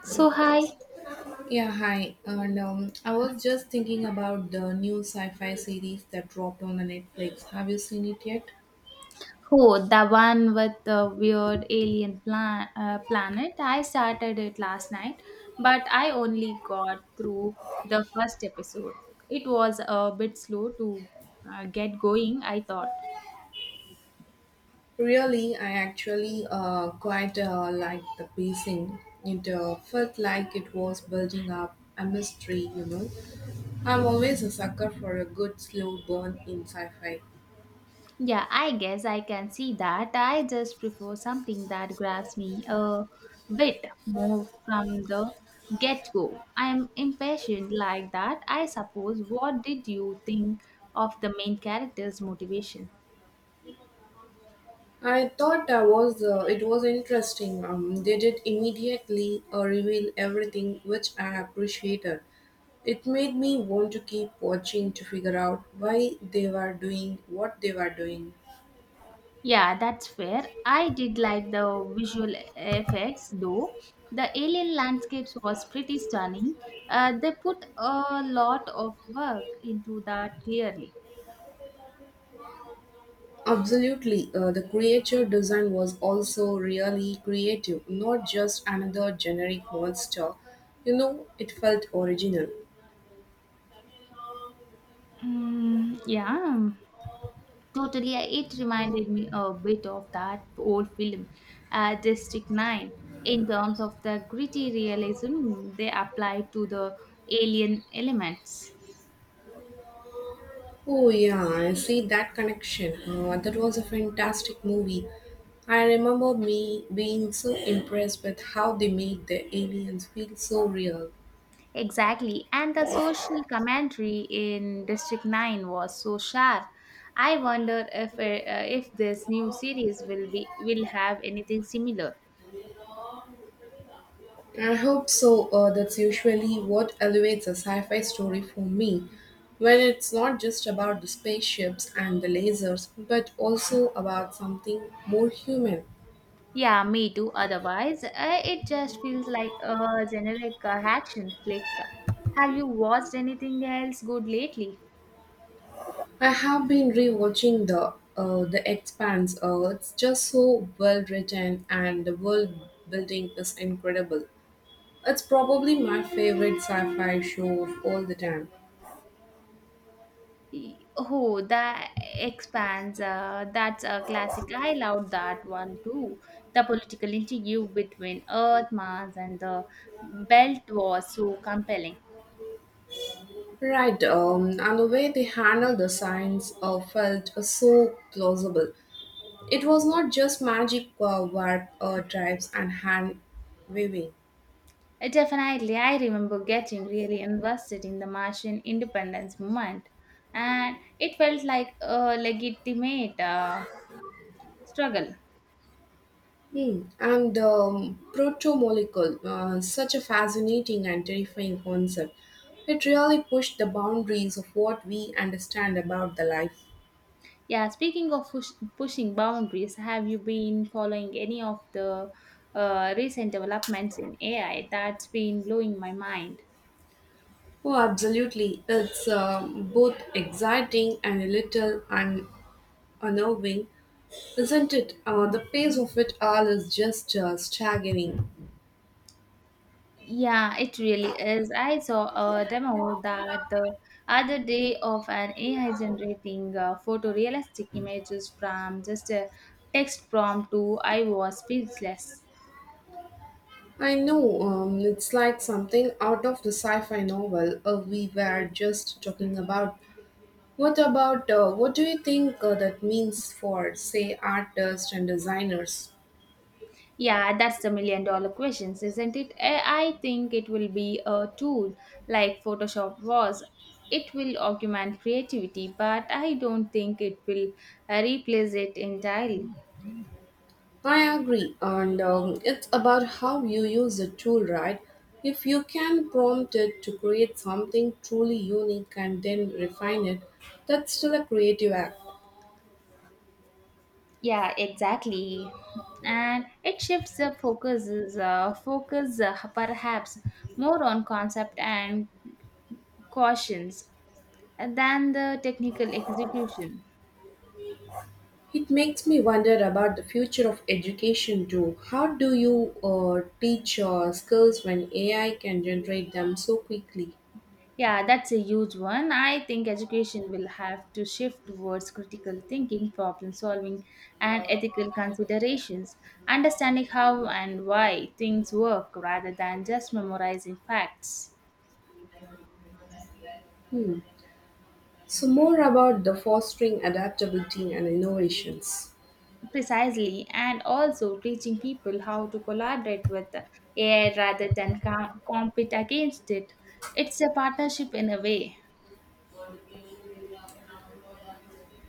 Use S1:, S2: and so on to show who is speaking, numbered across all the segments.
S1: So hi,
S2: Yeah, hi. And I was just thinking about the new sci-fi series that dropped on the Netflix. Have you seen it yet?
S1: oh the one with the weird alien planet? I started it last night, but I only got through the first episode. It was a bit slow to get going, I thought.
S2: Really, I actually quite liked the pacing. It felt like it was building up a mystery, you know. I'm always a sucker for a good slow burn in sci-fi.
S1: Yeah, I guess I can see that. I just prefer something that grabs me a bit more from the get go. I'm impatient like that, I suppose. What did you think of the main character's motivation?
S2: I thought I was it was interesting. They did immediately reveal everything, which I appreciated. It made me want to keep watching to figure out why they were doing what they were doing.
S1: Yeah, that's fair. I did like the visual effects though. The alien landscapes was pretty stunning. They put a lot of work into that clearly.
S2: Absolutely, the creature design was also really creative, not just another generic monster. You know, it felt original.
S1: Mm, yeah, totally. It reminded me a bit of that old film, District 9, in terms of the gritty realism they applied to the alien elements.
S2: Oh yeah, I see that connection. That was a fantastic movie. I remember me being so impressed with how they made the aliens feel so real.
S1: Exactly. And the social commentary in District 9 was so sharp. I wonder if this new series will have anything similar.
S2: I hope so. That's usually what elevates a sci-fi story for me, when it's not just about the spaceships and the lasers, but also about something more human.
S1: Yeah, me too. Otherwise, it just feels like a generic action flick. Have you watched anything else good lately?
S2: I have been rewatching The Expanse. It's just so well written, and the world building is incredible. It's probably my favorite sci-fi show of all the time.
S1: Oh, that expands. That's a classic. I loved that one too. The political intrigue between Earth, Mars, and the Belt was so compelling.
S2: Right, and the way they handled the science felt so plausible. It was not just magic, warp, drives, and hand waving.
S1: Definitely, I remember getting really invested in the Martian independence movement, and it felt like a legitimate struggle.
S2: Hmm. And protomolecule, such a fascinating and terrifying concept. It really pushed the boundaries of what we understand about the life.
S1: Yeah, speaking of pushing boundaries, have you been following any of the recent developments in AI that's been blowing my mind?
S2: Oh, absolutely. It's both exciting and a little unnerving, isn't it? The pace of it all is just staggering.
S1: Yeah, it really is. I saw a demo that the other day of an AI generating photorealistic images from just a text prompt to I was speechless.
S2: I know It's like something out of the sci fi novel we were just talking about. What do you think that means for, say, artists and designers?
S1: Yeah, that's the million dollar questions, isn't it? I think it will be a tool like Photoshop was. It will augment creativity, but I don't think it will replace it entirely.
S2: I agree, and it's about how you use the tool, right? If you can prompt it to create something truly unique and then refine it, that's still a creative act.
S1: Yeah, exactly. And it shifts the focus perhaps more on concept and cautions than the technical execution.
S2: It makes me wonder about the future of education too. How do you teach skills when AI can generate them so quickly?
S1: Yeah, that's a huge one. I think education will have to shift towards critical thinking, problem solving, and ethical considerations, understanding how and why things work rather than just memorizing facts.
S2: Hmm. So, more about the fostering adaptability and innovations.
S1: Precisely, and also teaching people how to collaborate with AI rather than compete against it. It's a partnership in a way.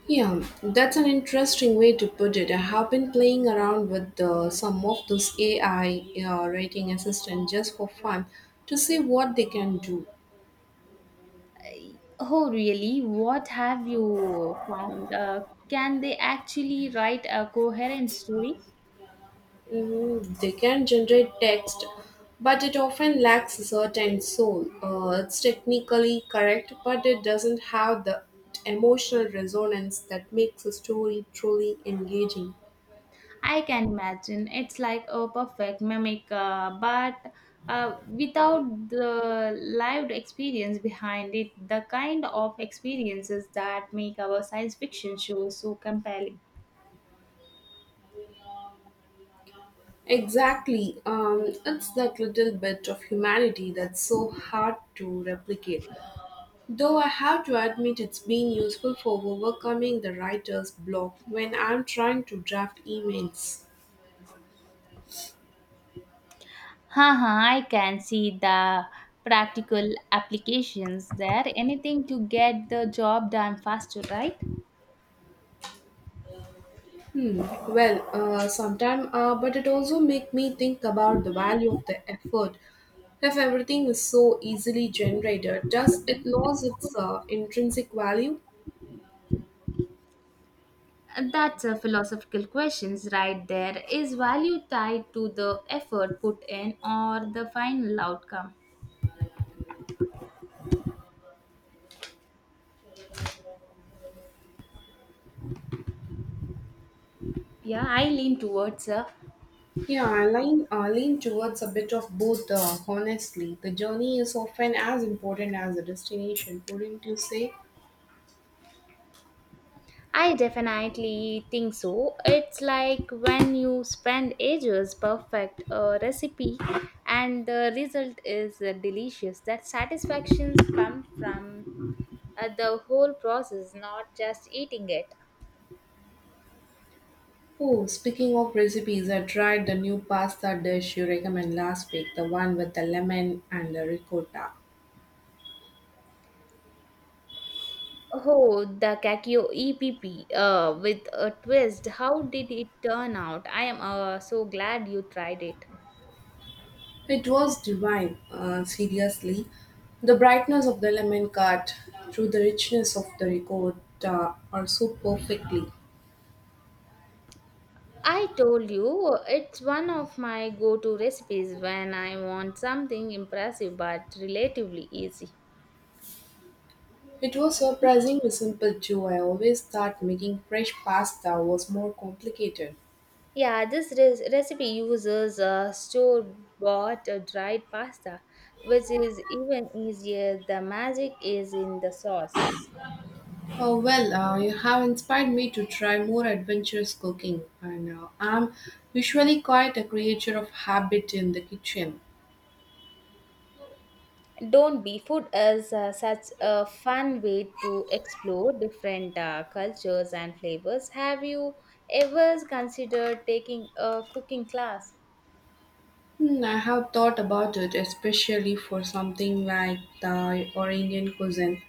S2: Yeah, that's an interesting way to put it. I have been playing around with some of those AI writing assistant just for fun to see what they can do.
S1: Oh, really? What have you found? Can they actually write a coherent story?
S2: Mm, they can generate text, but it often lacks a certain soul. It's technically correct, but it doesn't have the emotional resonance that makes a story truly engaging.
S1: I can imagine it's like a perfect mimic, but without the lived experience behind it, the kind of experiences that make our science fiction shows so compelling.
S2: Exactly. It's that little bit of humanity that's so hard to replicate. Though I have to admit it's been useful for overcoming the writer's block when I'm trying to draft emails.
S1: Haha, I can see the practical applications there. Anything to get the job done faster, right?
S2: Hmm. Well, sometime, but it also make me think about the value of the effort. If everything is so easily generated, does it lose its intrinsic value?
S1: That's a philosophical questions right there. Is value tied to the effort put in or the final outcome? Yeah, I lean towards
S2: Yeah, I lean towards a bit of both, honestly. The journey is often as important as the destination, wouldn't you say?
S1: I definitely think so. It's like when you spend ages perfect a recipe and the result is delicious. That satisfactions come from the whole process, not just eating it.
S2: Oh, speaking of recipes, I tried the new pasta dish you recommend last week, the one with the lemon and the ricotta.
S1: Oh, the Kakio EPP with a twist. How did it turn out? I am so glad you tried it.
S2: It was divine, seriously. The brightness of the lemon cut through the richness of the ricotta are so perfectly.
S1: I told you it's one of my go to recipes when I want something impressive but relatively easy.
S2: It was surprisingly simple too. I always thought making fresh pasta was more complicated.
S1: Yeah, this recipe uses store bought dried pasta, which is even easier. The magic is in the sauce.
S2: Oh, well, you have inspired me to try more adventurous cooking, and I'm usually quite a creature of habit in the kitchen.
S1: Don't be food is such a fun way to explore different cultures and flavors. Have you ever considered taking a cooking class?
S2: Hmm, I have thought about it, especially for something like Thai or Indian cuisine.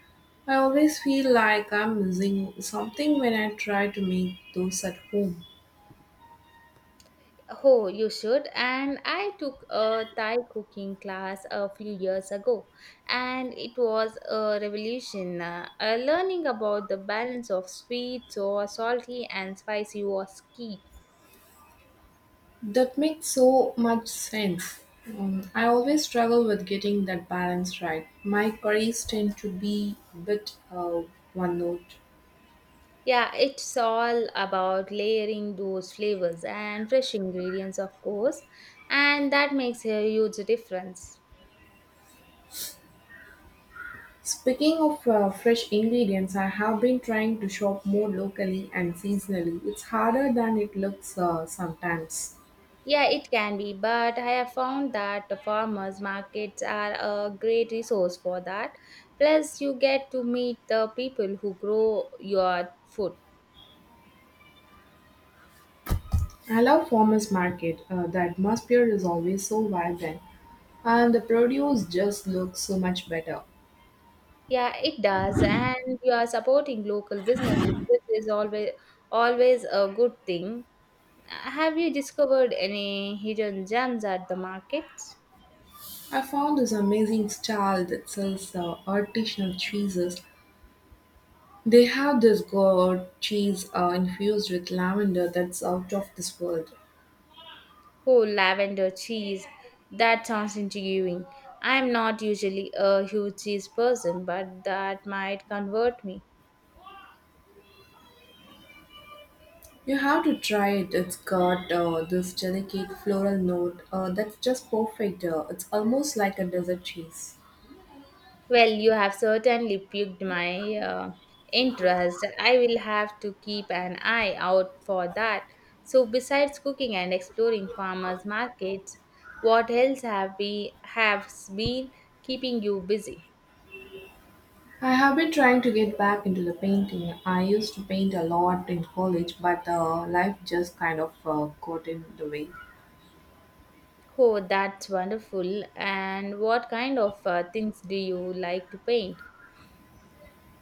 S2: I always feel like I'm missing something when I try to make those at home.
S1: Oh, you should. And I took a Thai cooking class a few years ago, and it was a revolution. Learning about the balance of sweet, sour, salty, and spicy was key.
S2: That makes so much sense. I always struggle with getting that balance right. My curries tend to be a bit one note.
S1: Yeah, it's all about layering those flavors and fresh ingredients, of course, and that makes a huge difference.
S2: Speaking of fresh ingredients, I have been trying to shop more locally and seasonally. It's harder than it looks sometimes.
S1: Yeah, it can be, but I have found that the farmers markets are a great resource for that. Plus, you get to meet the people who grow your food.
S2: I love farmers market. The atmosphere is always so vibrant, and the produce just looks so much better.
S1: Yeah, it does, and you are supporting local businesses, which is always a good thing. Have you discovered any hidden gems at the markets?
S2: I found this amazing stall that sells artisanal cheeses. They have this gourd cheese infused with lavender that's out of this world.
S1: Oh, lavender cheese. That sounds intriguing. I'm not usually a huge cheese person, but that might convert me.
S2: You have to try it. It's got this delicate floral note that's just perfect. It's almost like a dessert cheese.
S1: Well, you have certainly piqued my interest. I will have to keep an eye out for that. So, besides cooking and exploring farmers' markets, what else have been keeping you busy?
S2: I have been trying to get back into the painting. I used to paint a lot in college, but life just kind of got in the way.
S1: Oh, that's wonderful. And what kind of things do you like to paint?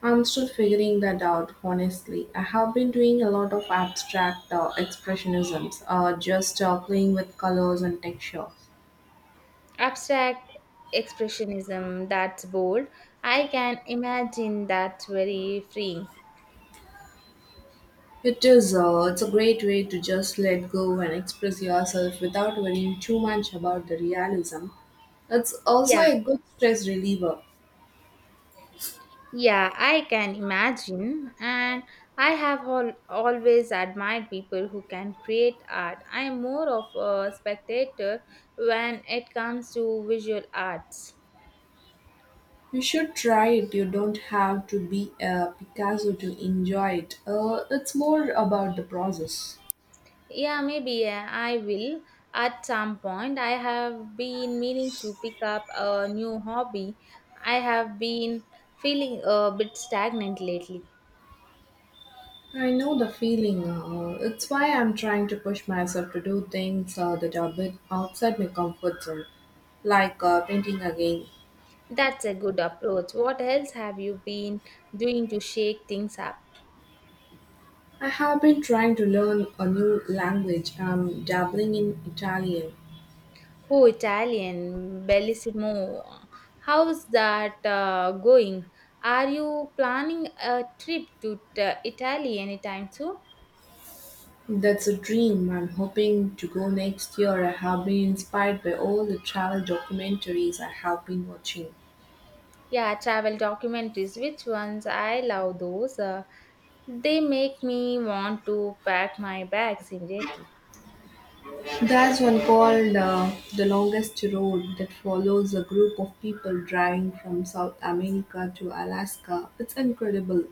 S2: I'm still figuring that out, honestly. I have been doing a lot of abstract expressionisms, just playing with colors and textures.
S1: Abstract expressionism that's bold. I can imagine that's very freeing.
S2: It is. It's a great way to just let go and express yourself without worrying too much about the realism. It's also
S1: Yeah,
S2: a good stress reliever.
S1: yeah, I can imagine. And I have always admired people who can create art. I am more of a spectator when it comes to visual arts.
S2: You should try it. You don't have to be a Picasso to enjoy it. It's more about the process.
S1: Yeah, maybe I will at some point. I have been meaning to pick up a new hobby. I have been feeling a bit stagnant lately.
S2: I know the feeling. It's why I'm trying to push myself to do things that are a bit outside my comfort zone, like painting again.
S1: That's a good approach. What else have you been doing to shake things up?
S2: I have been trying to learn a new language. I'm dabbling in Italian.
S1: Oh, Italian, bellissimo. How's that going? Are you planning a trip to Italy anytime soon?
S2: That's a dream. I'm hoping to go next year. I have been inspired by all the travel documentaries I have been watching.
S1: Yeah, travel documentaries. Which ones? I love those. They make me want to pack my bags immediately.
S2: There's one called The Longest Road that follows a group of people driving from South America to Alaska. It's incredible.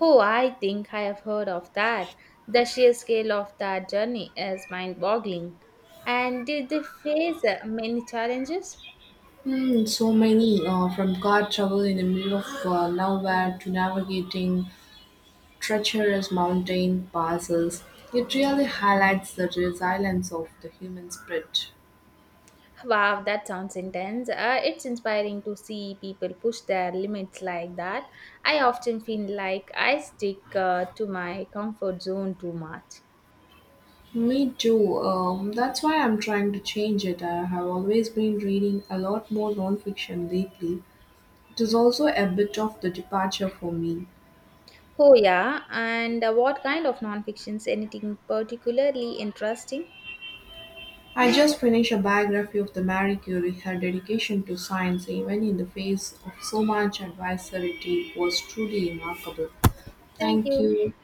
S1: Oh, I think I have heard of that. The sheer scale of that journey is mind boggling. And did they face many challenges?
S2: Hmm, so many from car travel in the middle of nowhere to navigating treacherous mountain passes. It really highlights the resilience of the human spirit.
S1: Wow, that sounds intense. It's inspiring to see people push their limits like that. I often feel like I stick to my comfort zone too much.
S2: Me too. That's why I'm trying to change it. I have always been reading a lot more nonfiction lately. It is also a bit of the departure for me.
S1: Oh, yeah. And what kind of non fictions? Anything particularly interesting?
S2: I just finished a biography of the Marie Curie. Her dedication to science, even in the face of so much adversity, was truly remarkable.
S1: Thank
S2: Thank
S1: you.
S2: you.